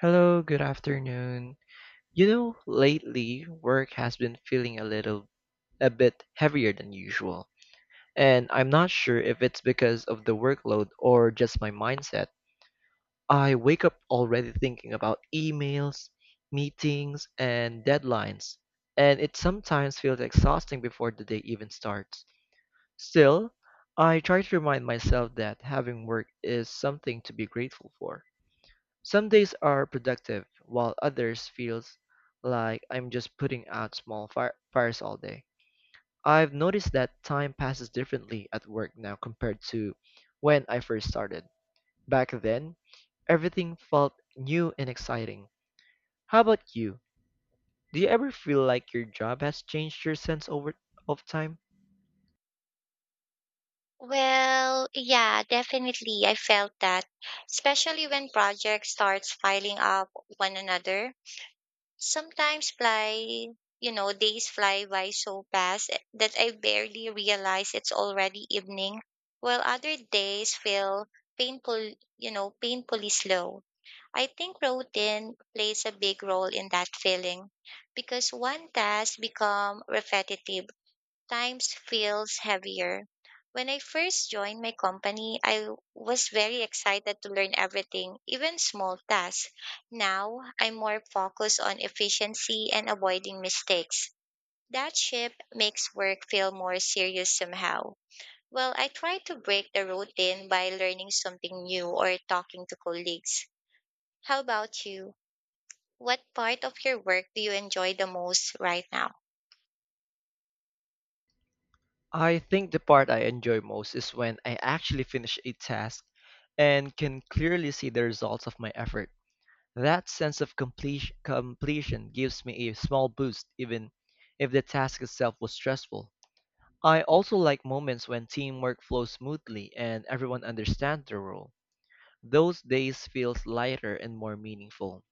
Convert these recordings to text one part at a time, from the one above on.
Hello, good afternoon. You know, lately work has been feeling a bit heavier than usual, and I'm not sure if it's because of the workload or just my mindset. I wake up already thinking about emails, meetings, and deadlines, and it sometimes feels exhausting before the day even starts. Still, I try to remind myself that having work is something to be grateful for. Some days are productive, while others feels like I'm just putting out small fires all day. I've noticed that time passes differently at work now compared to when I first started. Back then, everything felt new and exciting. How about you? Do you ever feel like your job has changed your sense over of time? Well, yeah, definitely. I felt that, especially when projects starts filing up one another. Sometimes, days fly by so fast that I barely realize it's already evening, while other days feel painful, painfully slow. I think routine plays a big role in that feeling because one task become repetitive times feels heavier. When I first joined my company, I was very excited to learn everything, even small tasks. Now, I'm more focused on efficiency and avoiding mistakes. That shift makes work feel more serious somehow. Well, I try to break the routine by learning something new or talking to colleagues. How about you? What part of your work do you enjoy the most right now? I think the part I enjoy most is when I actually finish a task and can clearly see the results of my effort. That sense of completion gives me a small boost, even if the task itself was stressful. I also like moments when teamwork flows smoothly and everyone understands their role. Those days feels lighter and more meaningful.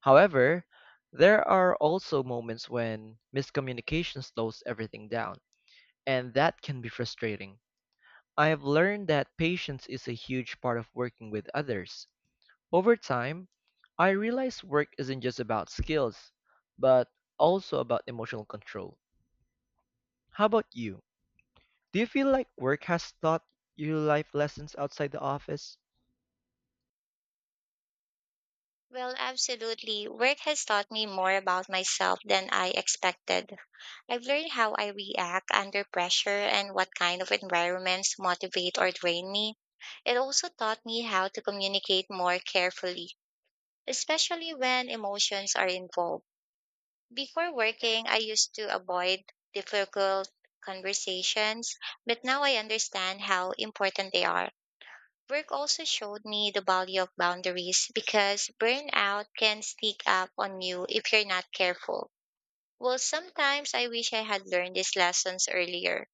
However, there are also moments when miscommunication slows everything down, and that can be frustrating. I have learned that patience is a huge part of working with others. Over time, I realized work isn't just about skills, but also about emotional control. How about you? Do you feel like work has taught you life lessons outside the office? Well, absolutely. Work has taught me more about myself than I expected. I've learned how I react under pressure and what kind of environments motivate or drain me. It also taught me how to communicate more carefully, especially when emotions are involved. Before working, I used to avoid difficult conversations, but now I understand how important they are. Work also showed me the value of boundaries because burnout can sneak up on you if you're not careful. Well, sometimes I wish I had learned these lessons earlier.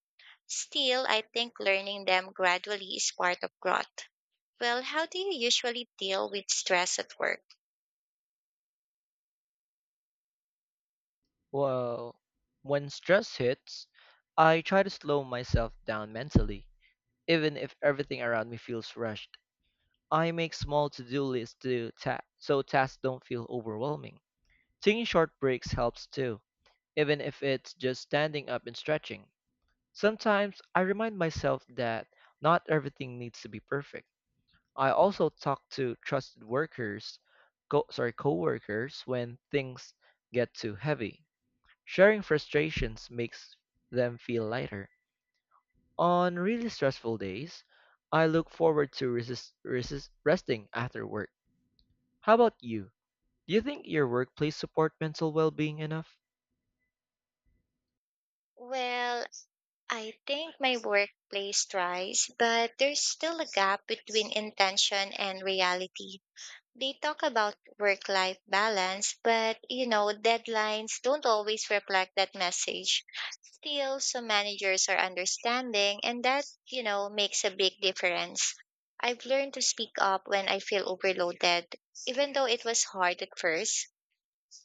Still, I think learning them gradually is part of growth. Well, how do you usually deal with stress at work? Well, when stress hits, I try to slow myself down mentally, even if everything around me feels rushed. I make small to-do lists to so tasks don't feel overwhelming. Taking short breaks helps too, even if it's just standing up and stretching. Sometimes I remind myself that not everything needs to be perfect. I also talk to trusted workers, coworkers when things get too heavy. Sharing frustrations makes them feel lighter. On really stressful days, I look forward to resting after work. How about you? Do you think your workplace support mental well-being enough? Well, I think my workplace tries, but there's still a gap between intention and reality. They talk about work life balance, but deadlines don't always reflect that message. Still, some managers are understanding, and that, makes a big difference. I've learned to speak up when I feel overloaded, even though it was hard at first.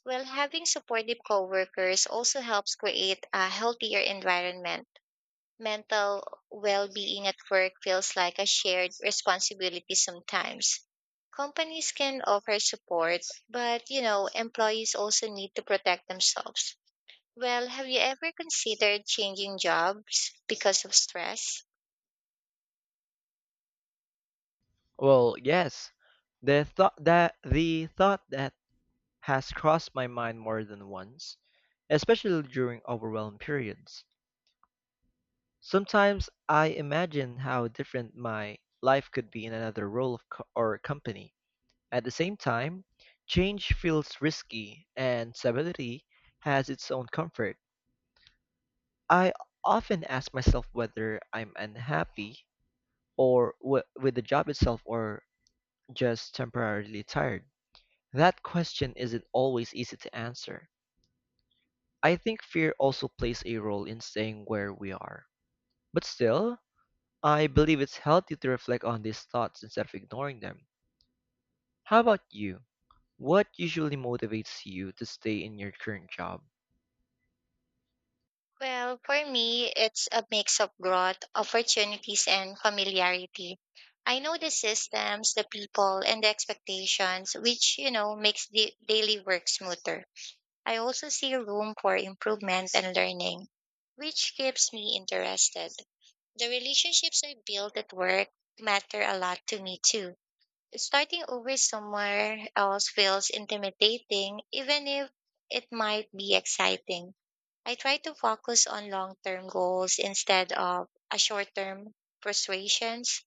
Well, having supportive coworkers also helps create a healthier environment mental well being at work feels like a shared responsibility sometimes. Companies can offer support, but employees also need to protect themselves. Well, have you ever considered changing jobs because of stress? Well, yes. The thought that has crossed my mind more than once, especially during overwhelmed periods. Sometimes I imagine how different my life could be in another role of or company. At the same time, change feels risky and stability has its own comfort. I often ask myself whether I'm unhappy or with the job itself or just temporarily tired. That question isn't always easy to answer. I think fear also plays a role in staying where we are. But still, I believe it's healthy to reflect on these thoughts instead of ignoring them. How about you? What usually motivates you to stay in your current job? Well, for me, it's a mix of growth, opportunities, and familiarity. I know the systems, the people, and the expectations, which, makes the daily work smoother. I also see room for improvement and learning, which keeps me interested. The relationships I build at work matter a lot to me too. Starting over somewhere else feels intimidating, even if it might be exciting. I try to focus on long term goals instead of a short term frustrations.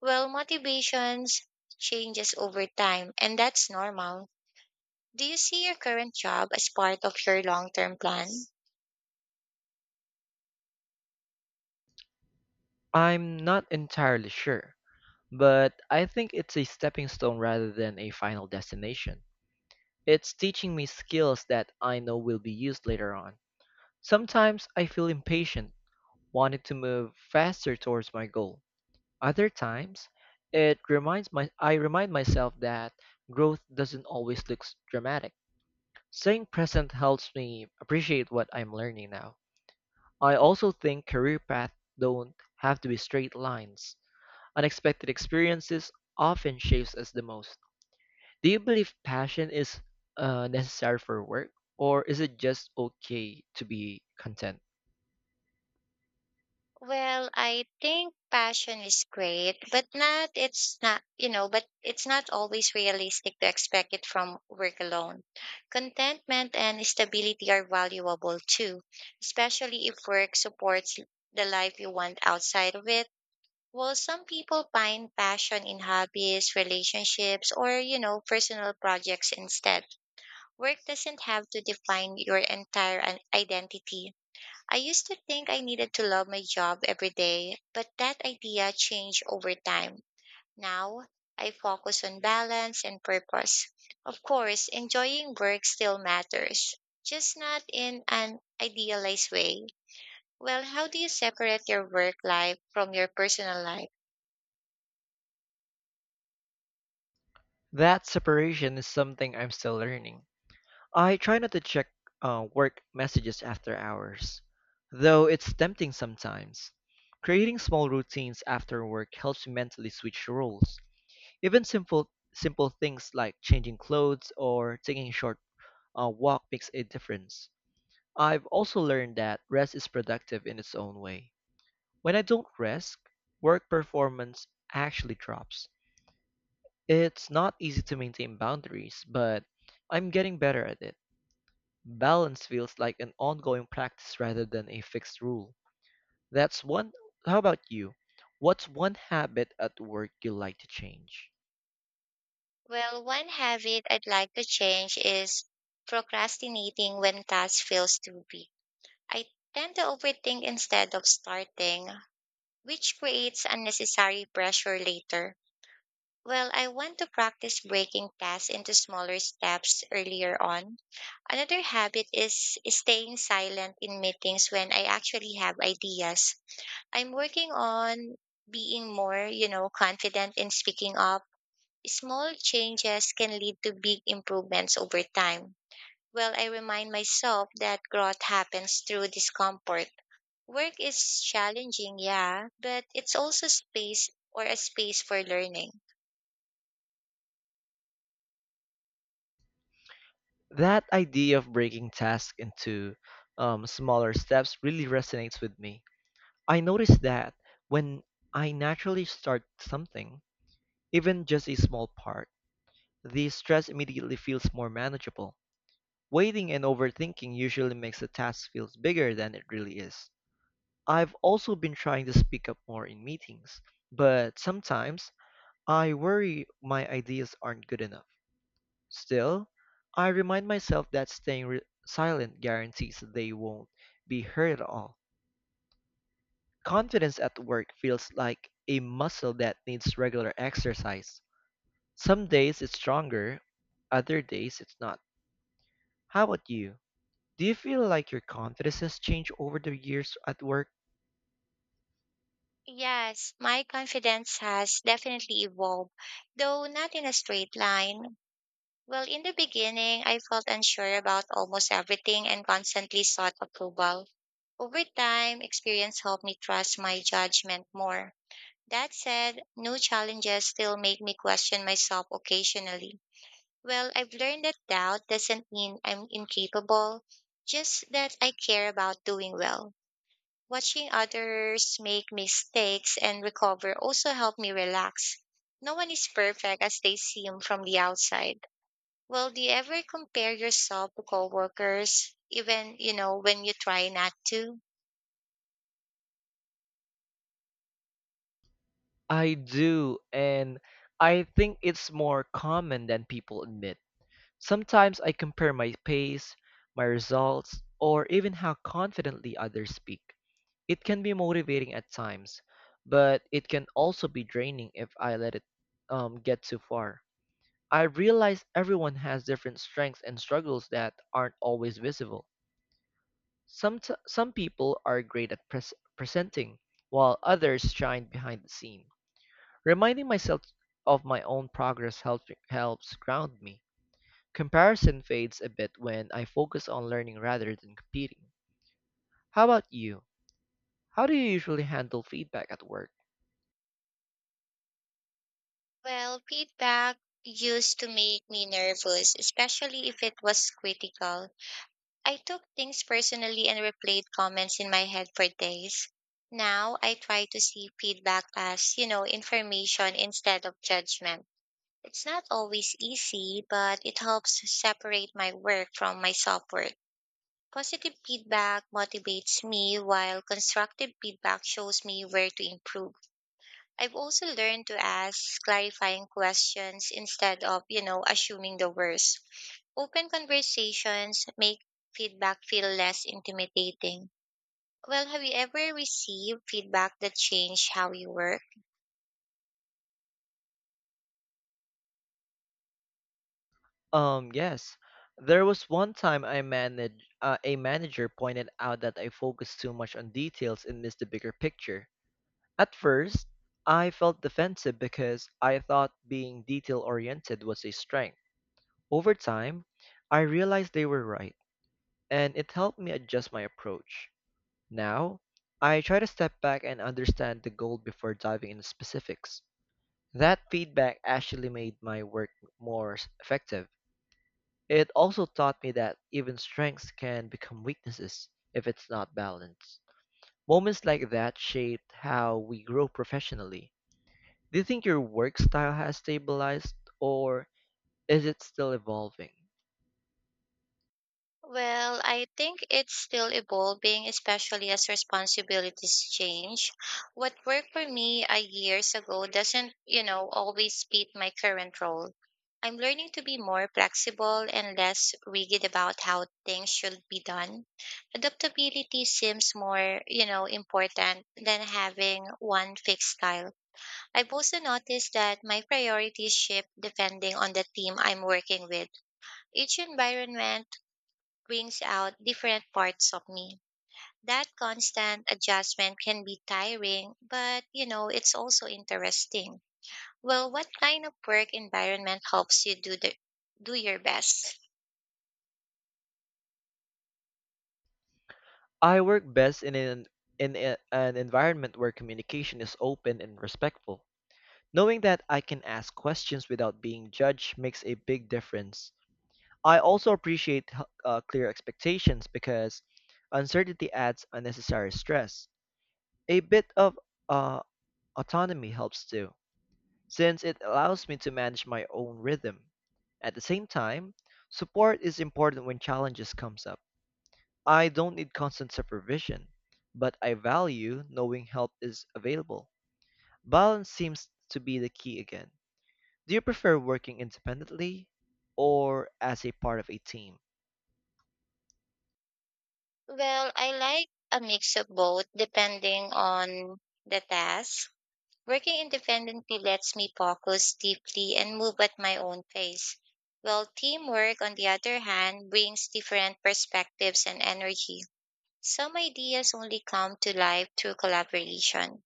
Well, motivations changes over time, and that's normal. Do you see your current job as part of your long term plan? I'm not entirely sure, but I think it's a stepping stone rather than a final destination. It's teaching me skills that I know will be used later on. Sometimes I feel impatient, wanting to move faster towards my goal. Other times, it reminds my I remind myself that growth doesn't always look dramatic. Staying present helps me appreciate what I'm learning now. I also think career paths don't have to be straight lines. Unexpected experiences often shapes us the most. Do you believe passion is necessary for work, or is it just okay to be content? Well, I think passion is great, but it's not always realistic to expect it from work alone. Contentment and stability are valuable too, especially if work supports the life you want outside of it. Well, some people find passion in hobbies, relationships, or, personal projects instead. Work doesn't have to define your entire identity. I used to think I needed to love my job every day, but that idea changed over time. Now, I focus on balance and purpose. Of course, enjoying work still matters, just not in an idealized way. Well, how do you separate your work life from your personal life? That separation is something I'm still learning. I try not to check work messages after hours, though it's tempting sometimes. Creating small routines after work helps me mentally switch roles. Even simple things like changing clothes or taking a short walk makes a difference. I've also learned that rest is productive in its own way. When I don't rest, work performance actually drops. It's not easy to maintain boundaries, but I'm getting better at it. Balance feels like an ongoing practice rather than a fixed rule. That's one. How about you? What's one habit at work you like to change? Well, one habit I'd like to change is procrastinating when task feels too big. I tend to overthink instead of starting, which creates unnecessary pressure later. Well, I want to practice breaking tasks into smaller steps earlier on. Another habit is staying silent in meetings when I actually have ideas. I'm working on being more, confident in speaking up. Small changes can lead to big improvements over time. Well, I remind myself that growth happens through discomfort. Work is challenging, yeah, but it's also space or a space for learning. That idea of breaking tasks into smaller steps really resonates with me. I notice that when I naturally start something, even just a small part, the stress immediately feels more manageable. Waiting and overthinking usually makes the task feel bigger than it really is. I've also been trying to speak up more in meetings, but sometimes I worry my ideas aren't good enough. Still, I remind myself that staying silent guarantees they won't be heard at all. Confidence at work feels like a muscle that needs regular exercise. Some days it's stronger, other days it's not. How about you? Do you feel like your confidence has changed over the years at work? Yes, my confidence has definitely evolved, though not in a straight line. Well, in the beginning, I felt unsure about almost everything and constantly sought approval. Over time, experience helped me trust my judgment more. That said, new challenges still make me question myself occasionally. Well, I've learned that doubt doesn't mean I'm incapable, just that I care about doing well. Watching others make mistakes and recover also helped me relax. No one is perfect as they seem from the outside. Well, do you ever compare yourself to coworkers, even, when you try not to? I do, and I think it's more common than people admit. Sometimes I compare my pace, my results, or even how confidently others speak. It can be motivating at times, but it can also be draining if I let it get too far. I realize everyone has different strengths and struggles that aren't always visible. Some people are great at presenting, while others shine behind the scene. Reminding myself of my own progress helps ground me. Comparison fades a bit when I focus on learning rather than competing. How about you? How do you usually handle feedback at work? Well, feedback used to make me nervous, especially if it was critical. I took things personally and replayed comments in my head for days. Now I try to see feedback as, information instead of judgment. It's not always easy, but it helps separate my work from my self work. Positive feedback motivates me, while constructive feedback shows me where to improve. I've also learned to ask clarifying questions instead of, assuming the worst. Open conversations make feedback feel less intimidating. Well, have you ever received feedback that changed how you work? Yes. There was one time I managed a manager pointed out that I focused too much on details and missed the bigger picture. At first, I felt defensive because I thought being detail oriented was a strength. Over time, I realized they were right, and it helped me adjust my approach. Now, I try to step back and understand the goal before diving into specifics. That feedback actually made my work more effective. It also taught me that even strengths can become weaknesses if it's not balanced. Moments like that shaped how we grow professionally. Do you think your work style has stabilized or is it still evolving? Well, I think it's still evolving, especially as responsibilities change. What worked for me a years ago doesn't, always fit my current role. I'm learning to be more flexible and less rigid about how things should be done. Adaptability seems more, important than having one fixed style. I've also noticed that my priorities shift depending on the team I'm working with. Each environment brings out different parts of me. That constant adjustment can be tiring, but it's also interesting. Well, what kind of work environment helps you do the do your best? I work best in an environment where communication is open and respectful. Knowing that I can ask questions without being judged makes a big difference. I also appreciate clear expectations because uncertainty adds unnecessary stress. A bit of uh, autonomy helps too since it allows me to manage my own rhythm. At the same time, support is important when challenges comes up. I don't need constant supervision, but I value knowing help is available. Balance seems to be the key again. Do you prefer working independently or as a part of a team? Well, I like a mix of both depending on the task. Working independently lets me focus deeply and move at my own pace. Well, teamwork, on the other hand, brings different perspectives and energy. Some ideas only come to life through collaboration.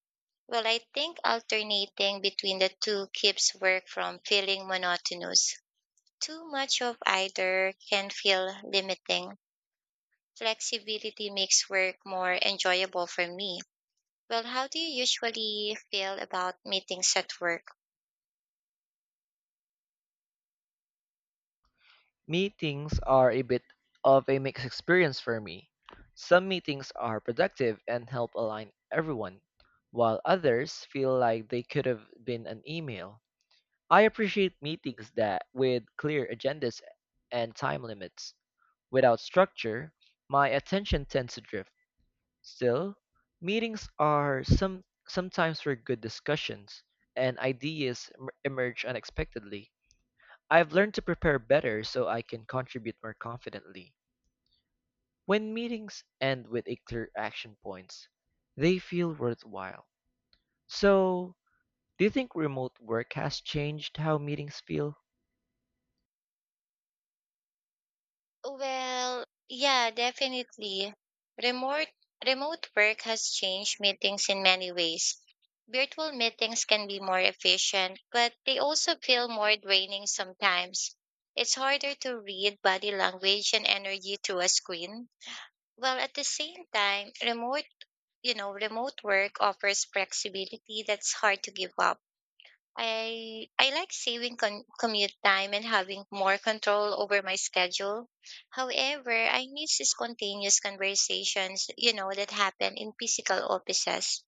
Well, I think alternating between the two keeps work from feeling monotonous. Too much of either can feel limiting. Flexibility makes work more enjoyable for me. Well, how do you usually feel about meetings at work? Meetings are a bit of a mixed experience for me. Some meetings are productive and help align everyone, while others feel like they could have been an email. I appreciate meetings that with clear agendas and time limits. Without structure, my attention tends to drift. Still, meetings are sometimes for good discussions and ideas emerge unexpectedly. I've learned to prepare better so I can contribute more confidently. When meetings end with a clear action points, they feel worthwhile. So, do you think remote work has changed how meetings feel? Well, yeah, definitely. Remote remote work has changed meetings in many ways. Virtual meetings can be more efficient, but they also feel more draining sometimes. It's harder to read body language and energy through a screen. Well, at the same time, remote work offers flexibility that's hard to give up. I like saving commute time and having more control over my schedule. However, I miss the spontaneous conversations, that happen in physical offices.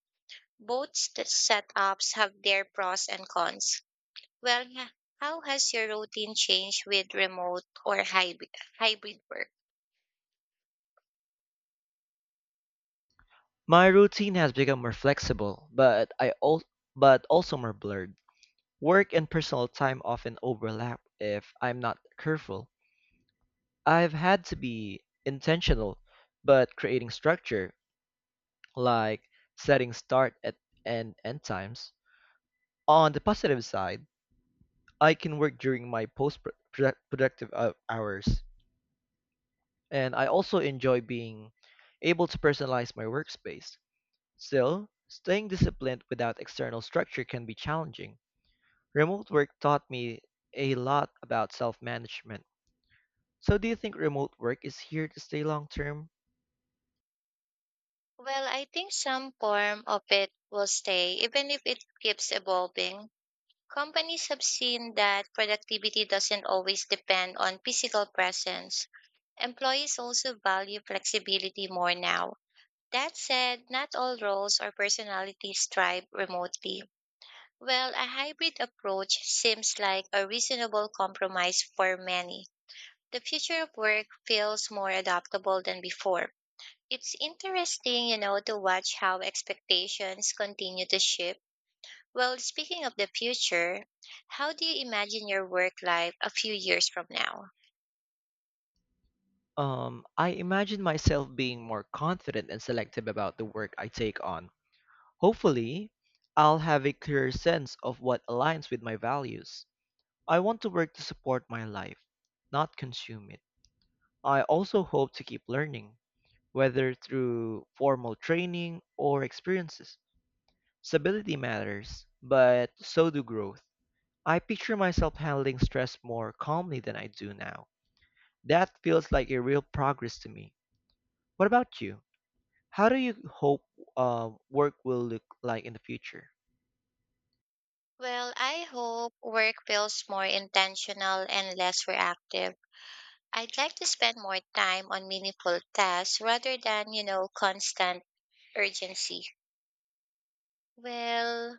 Both setups have their pros and cons. Well, yeah, how has your routine changed with remote or hybrid work? My routine has become more flexible, but also more blurred. Work and personal time often overlap if I'm not careful. I've had to be intentional, but creating structure like setting start at and end times. On the positive side, I can work during my post-productive hours, and I also enjoy being able to personalize my workspace. Still, staying disciplined without external structure can be challenging. Remote work taught me a lot about self-management. So, do you think remote work is here to stay long term? Well, I think some form of it will stay, even if it keeps evolving. Companies have seen that productivity doesn't always depend on physical presence. Employees also value flexibility more now. That said, not all roles or personalities thrive remotely. Well, a hybrid approach seems like a reasonable compromise for many. The future of work feels more adaptable than before. It's interesting, to watch how expectations continue to shift. Well, speaking of the future, how do you imagine your work life a few years from now? I imagine myself being more confident and selective about the work I take on. Hopefully, I'll have a clearer sense of what aligns with my values. I want to work to support my life, not consume it. I also hope to keep learning, whether through formal training or experiences. Stability matters, but so do growth. I picture myself handling stress more calmly than I do now. That feels like a real progress to me. What about you? How do you hope work will look like in the future? Well, I hope work feels more intentional and less reactive. I'd like to spend more time on meaningful tasks rather than, constant urgency. Well,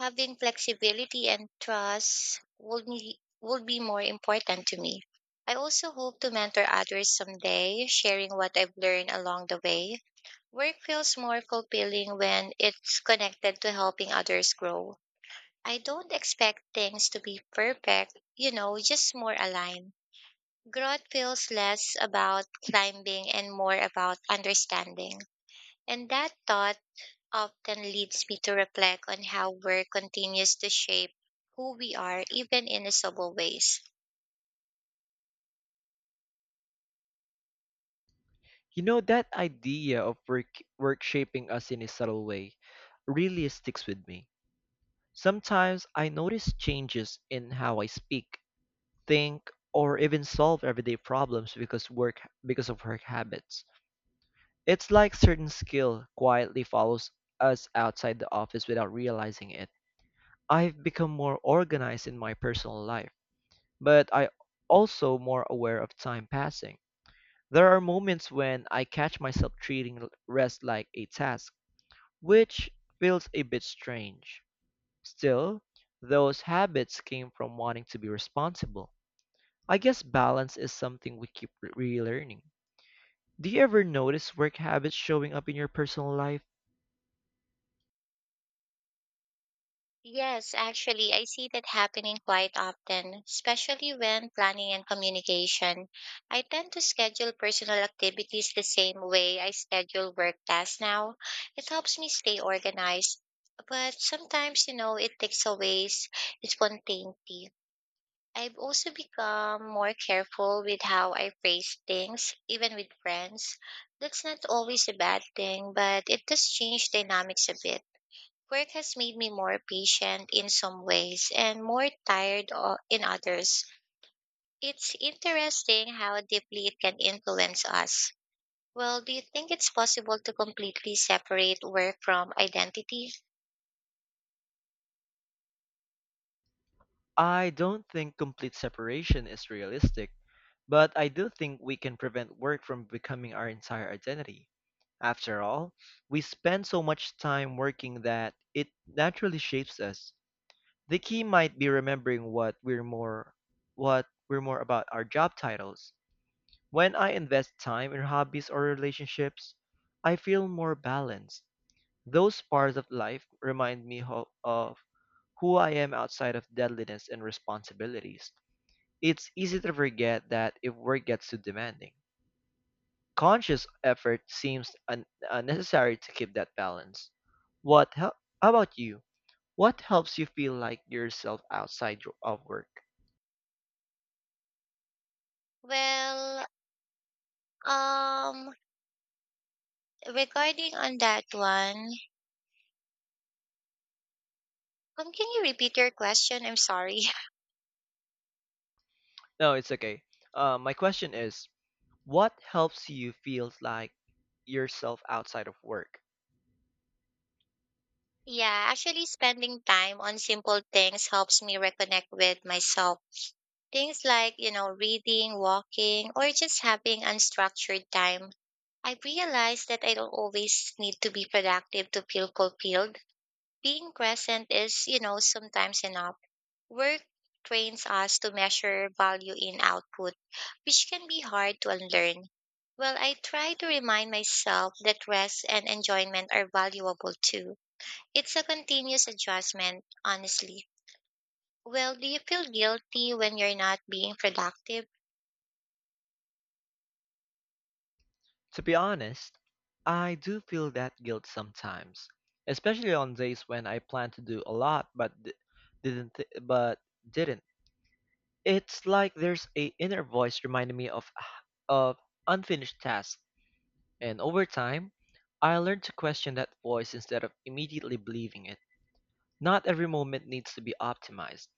having flexibility and trust would be more important to me. I also hope to mentor others someday, sharing what I've learned along the way. Work feels more fulfilling when it's connected to helping others grow. I don't expect things to be perfect, just more aligned. Growth feels less about climbing and more about understanding. And that thought often leads me to reflect on how work continues to shape who we are, even in subtle ways. You know, that idea of work shaping us in a subtle way really sticks with me. Sometimes I notice changes in how I speak, think, or even solve everyday problems because of work habits. It's like certain skill quietly follows us outside the office without realizing it. I've become more organized in my personal life, but I also more aware of time passing. There are moments when I catch myself treating rest like a task, which feels a bit strange. Still, those habits came from wanting to be responsible. I guess balance is something we keep relearning. Do you ever notice work habits showing up in your personal life? Yes, actually, I see that happening quite often, especially when planning and communication. I tend to schedule personal activities the same way I schedule work tasks now. It helps me stay organized, but sometimes, it takes away spontaneity. I've also become more careful with how I phrase things, even with friends. That's not always a bad thing, but it does change dynamics a bit. Work has made me more patient in some ways and more tired in others. It's interesting how deeply it can influence us. Well, do you think it's possible to completely separate work from identity? I don't think complete separation is realistic, but I do think we can prevent work from becoming our entire identity. After all, we spend so much time working that it naturally shapes us. The key might be remembering what we're more about our job titles. When I invest time in hobbies or relationships, I feel more balanced. Those parts of life remind me of who I am outside of deadliness and responsibilities. It's easy to forget that if work gets too demanding. Conscious effort seems unnecessary to keep that balance. How about you? What helps you feel like yourself outside your- of work? Well, um, regarding on that one, can you repeat your question? I'm sorry. No, it's okay. My question is, what helps you feel like yourself outside of work? Yeah, actually spending time on simple things helps me reconnect with myself. Things like, reading, walking, or just having unstructured time. I realize that I don't always need to be productive to feel fulfilled. Being present is, sometimes enough. Work trains us to measure value in output, which can be hard to unlearn. Well, I try to remind myself that rest and enjoyment are valuable too. It's a continuous adjustment, honestly. Well, do you feel guilty when you're not being productive? To be honest, I do feel that guilt sometimes, especially on days when I plan to do a lot but didn't. It's like there's a inner voice reminding me of unfinished tasks, and over time, I learned to question that voice instead of immediately believing it. Not every moment needs to be optimized.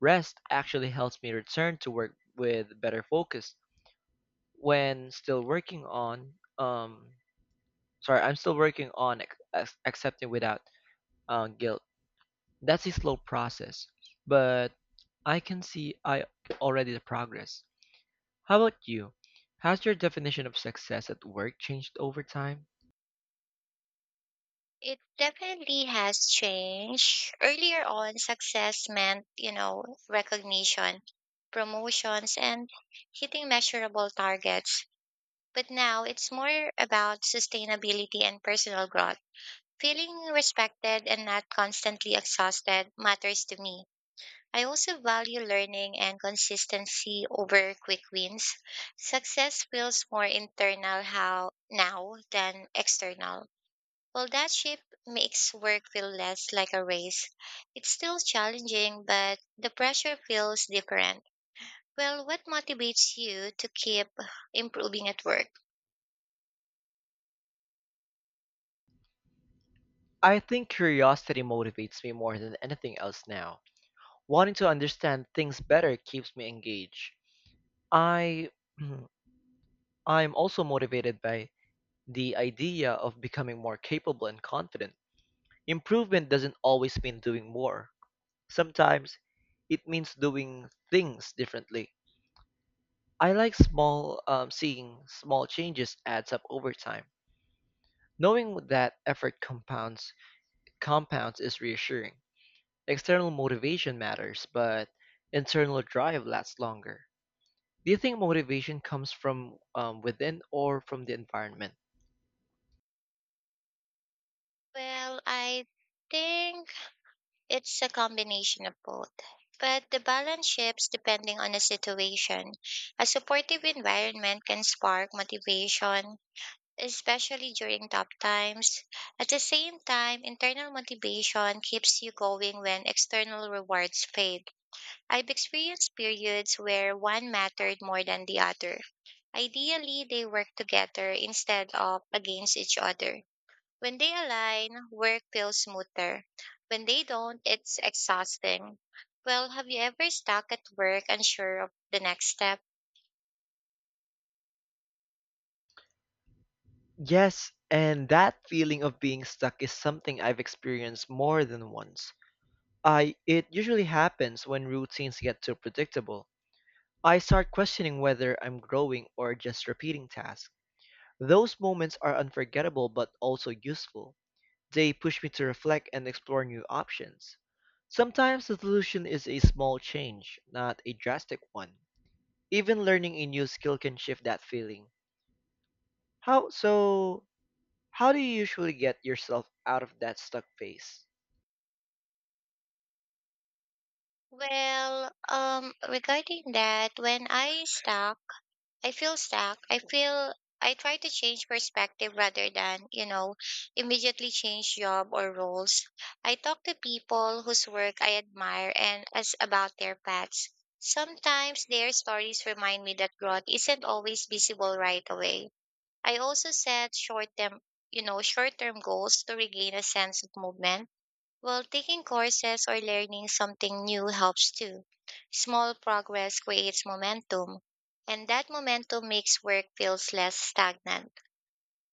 Rest actually helps me return to work with better focus when still working on accepting without guilt. That's a slow process, but I can see I already the progress. How about you? Has your definition of success at work changed over time? It definitely has changed. Earlier on, success meant, recognition, promotions, and hitting measurable targets. But now it's more about sustainability and personal growth. Feeling respected and not constantly exhausted matters to me. I also value learning and consistency over quick wins. Success feels more internal how now than external. While that shift makes work feel less like a race, it's still challenging, but the pressure feels different. Well, what motivates you to keep improving at work? I think curiosity motivates me more than anything else now. Wanting to understand things better keeps me engaged. I I'm also motivated by the idea of becoming more capable and confident. Improvement doesn't always mean doing more. Sometimes it means doing things differently. I like small seeing small changes adds up over time. Knowing that effort compounds is reassuring. External motivation matters, but internal drive lasts longer. Do you think motivation comes from within or from the environment? Well, I think it's a combination of both, but the balance shifts depending on the situation. A supportive environment can spark motivation, especially during tough times. At the same time, internal motivation keeps you going when external rewards fade. I've experienced periods where one mattered more than the other. Ideally, they work together instead of against each other. When they align, work feels smoother. When they don't, it's exhausting. Well, have you ever stuck at work unsure of the next step? Yes, and that feeling of being stuck is something I've experienced more than once. I it usually happens when routines get too predictable. I start questioning whether I'm growing or just repeating tasks. Those moments are unforgettable but also useful. They push me to reflect and explore new options. Sometimes the solution is a small change, not a drastic one. Even learning a new skill can shift that feeling. How so how do you usually get yourself out of that stuck phase? Well, regarding that, when I stuck, I feel stuck. I try to change perspective rather than, immediately change job or roles. I talk to people whose work I admire and as about their paths. Sometimes their stories remind me that growth isn't always visible right away. I also set short term goals to regain a sense of movement. While taking courses or learning something new helps too. Small progress creates momentum, and that momentum makes work feels less stagnant.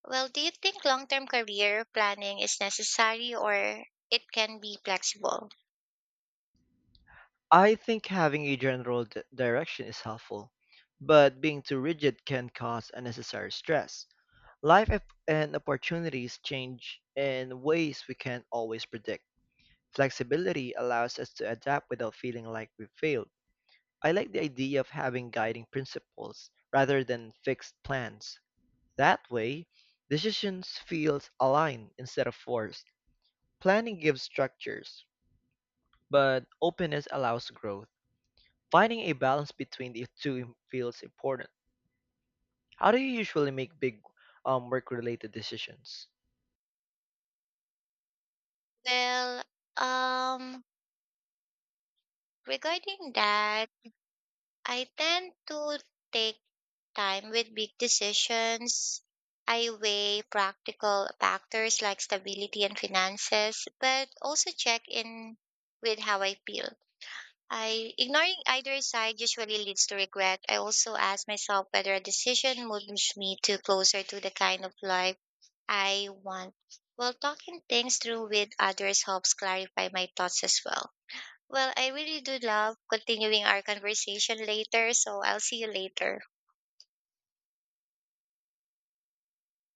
Well, do you think long-term career planning is necessary or it can be flexible? I think having a general direction is helpful, but being too rigid can cause unnecessary stress. Life and opportunities change in ways we can't always predict. Flexibility allows us to adapt without feeling like we failed. I like the idea of having guiding principles rather than fixed plans. That way, decisions feels aligned instead of forced. Planning gives structures, but openness allows growth. Finding a balance between the two feels important. How do you usually make big work-related decisions? Well, um, regarding that, I tend to take time with big decisions. I weigh practical factors like stability and finances, but also check in with how I feel. I Ignoring either side usually leads to regret. I also ask myself whether a decision moves me to closer to the kind of life I want. Well, talking things through with others helps clarify my thoughts as well. Well, I really do love continuing our conversation later, so I'll see you later.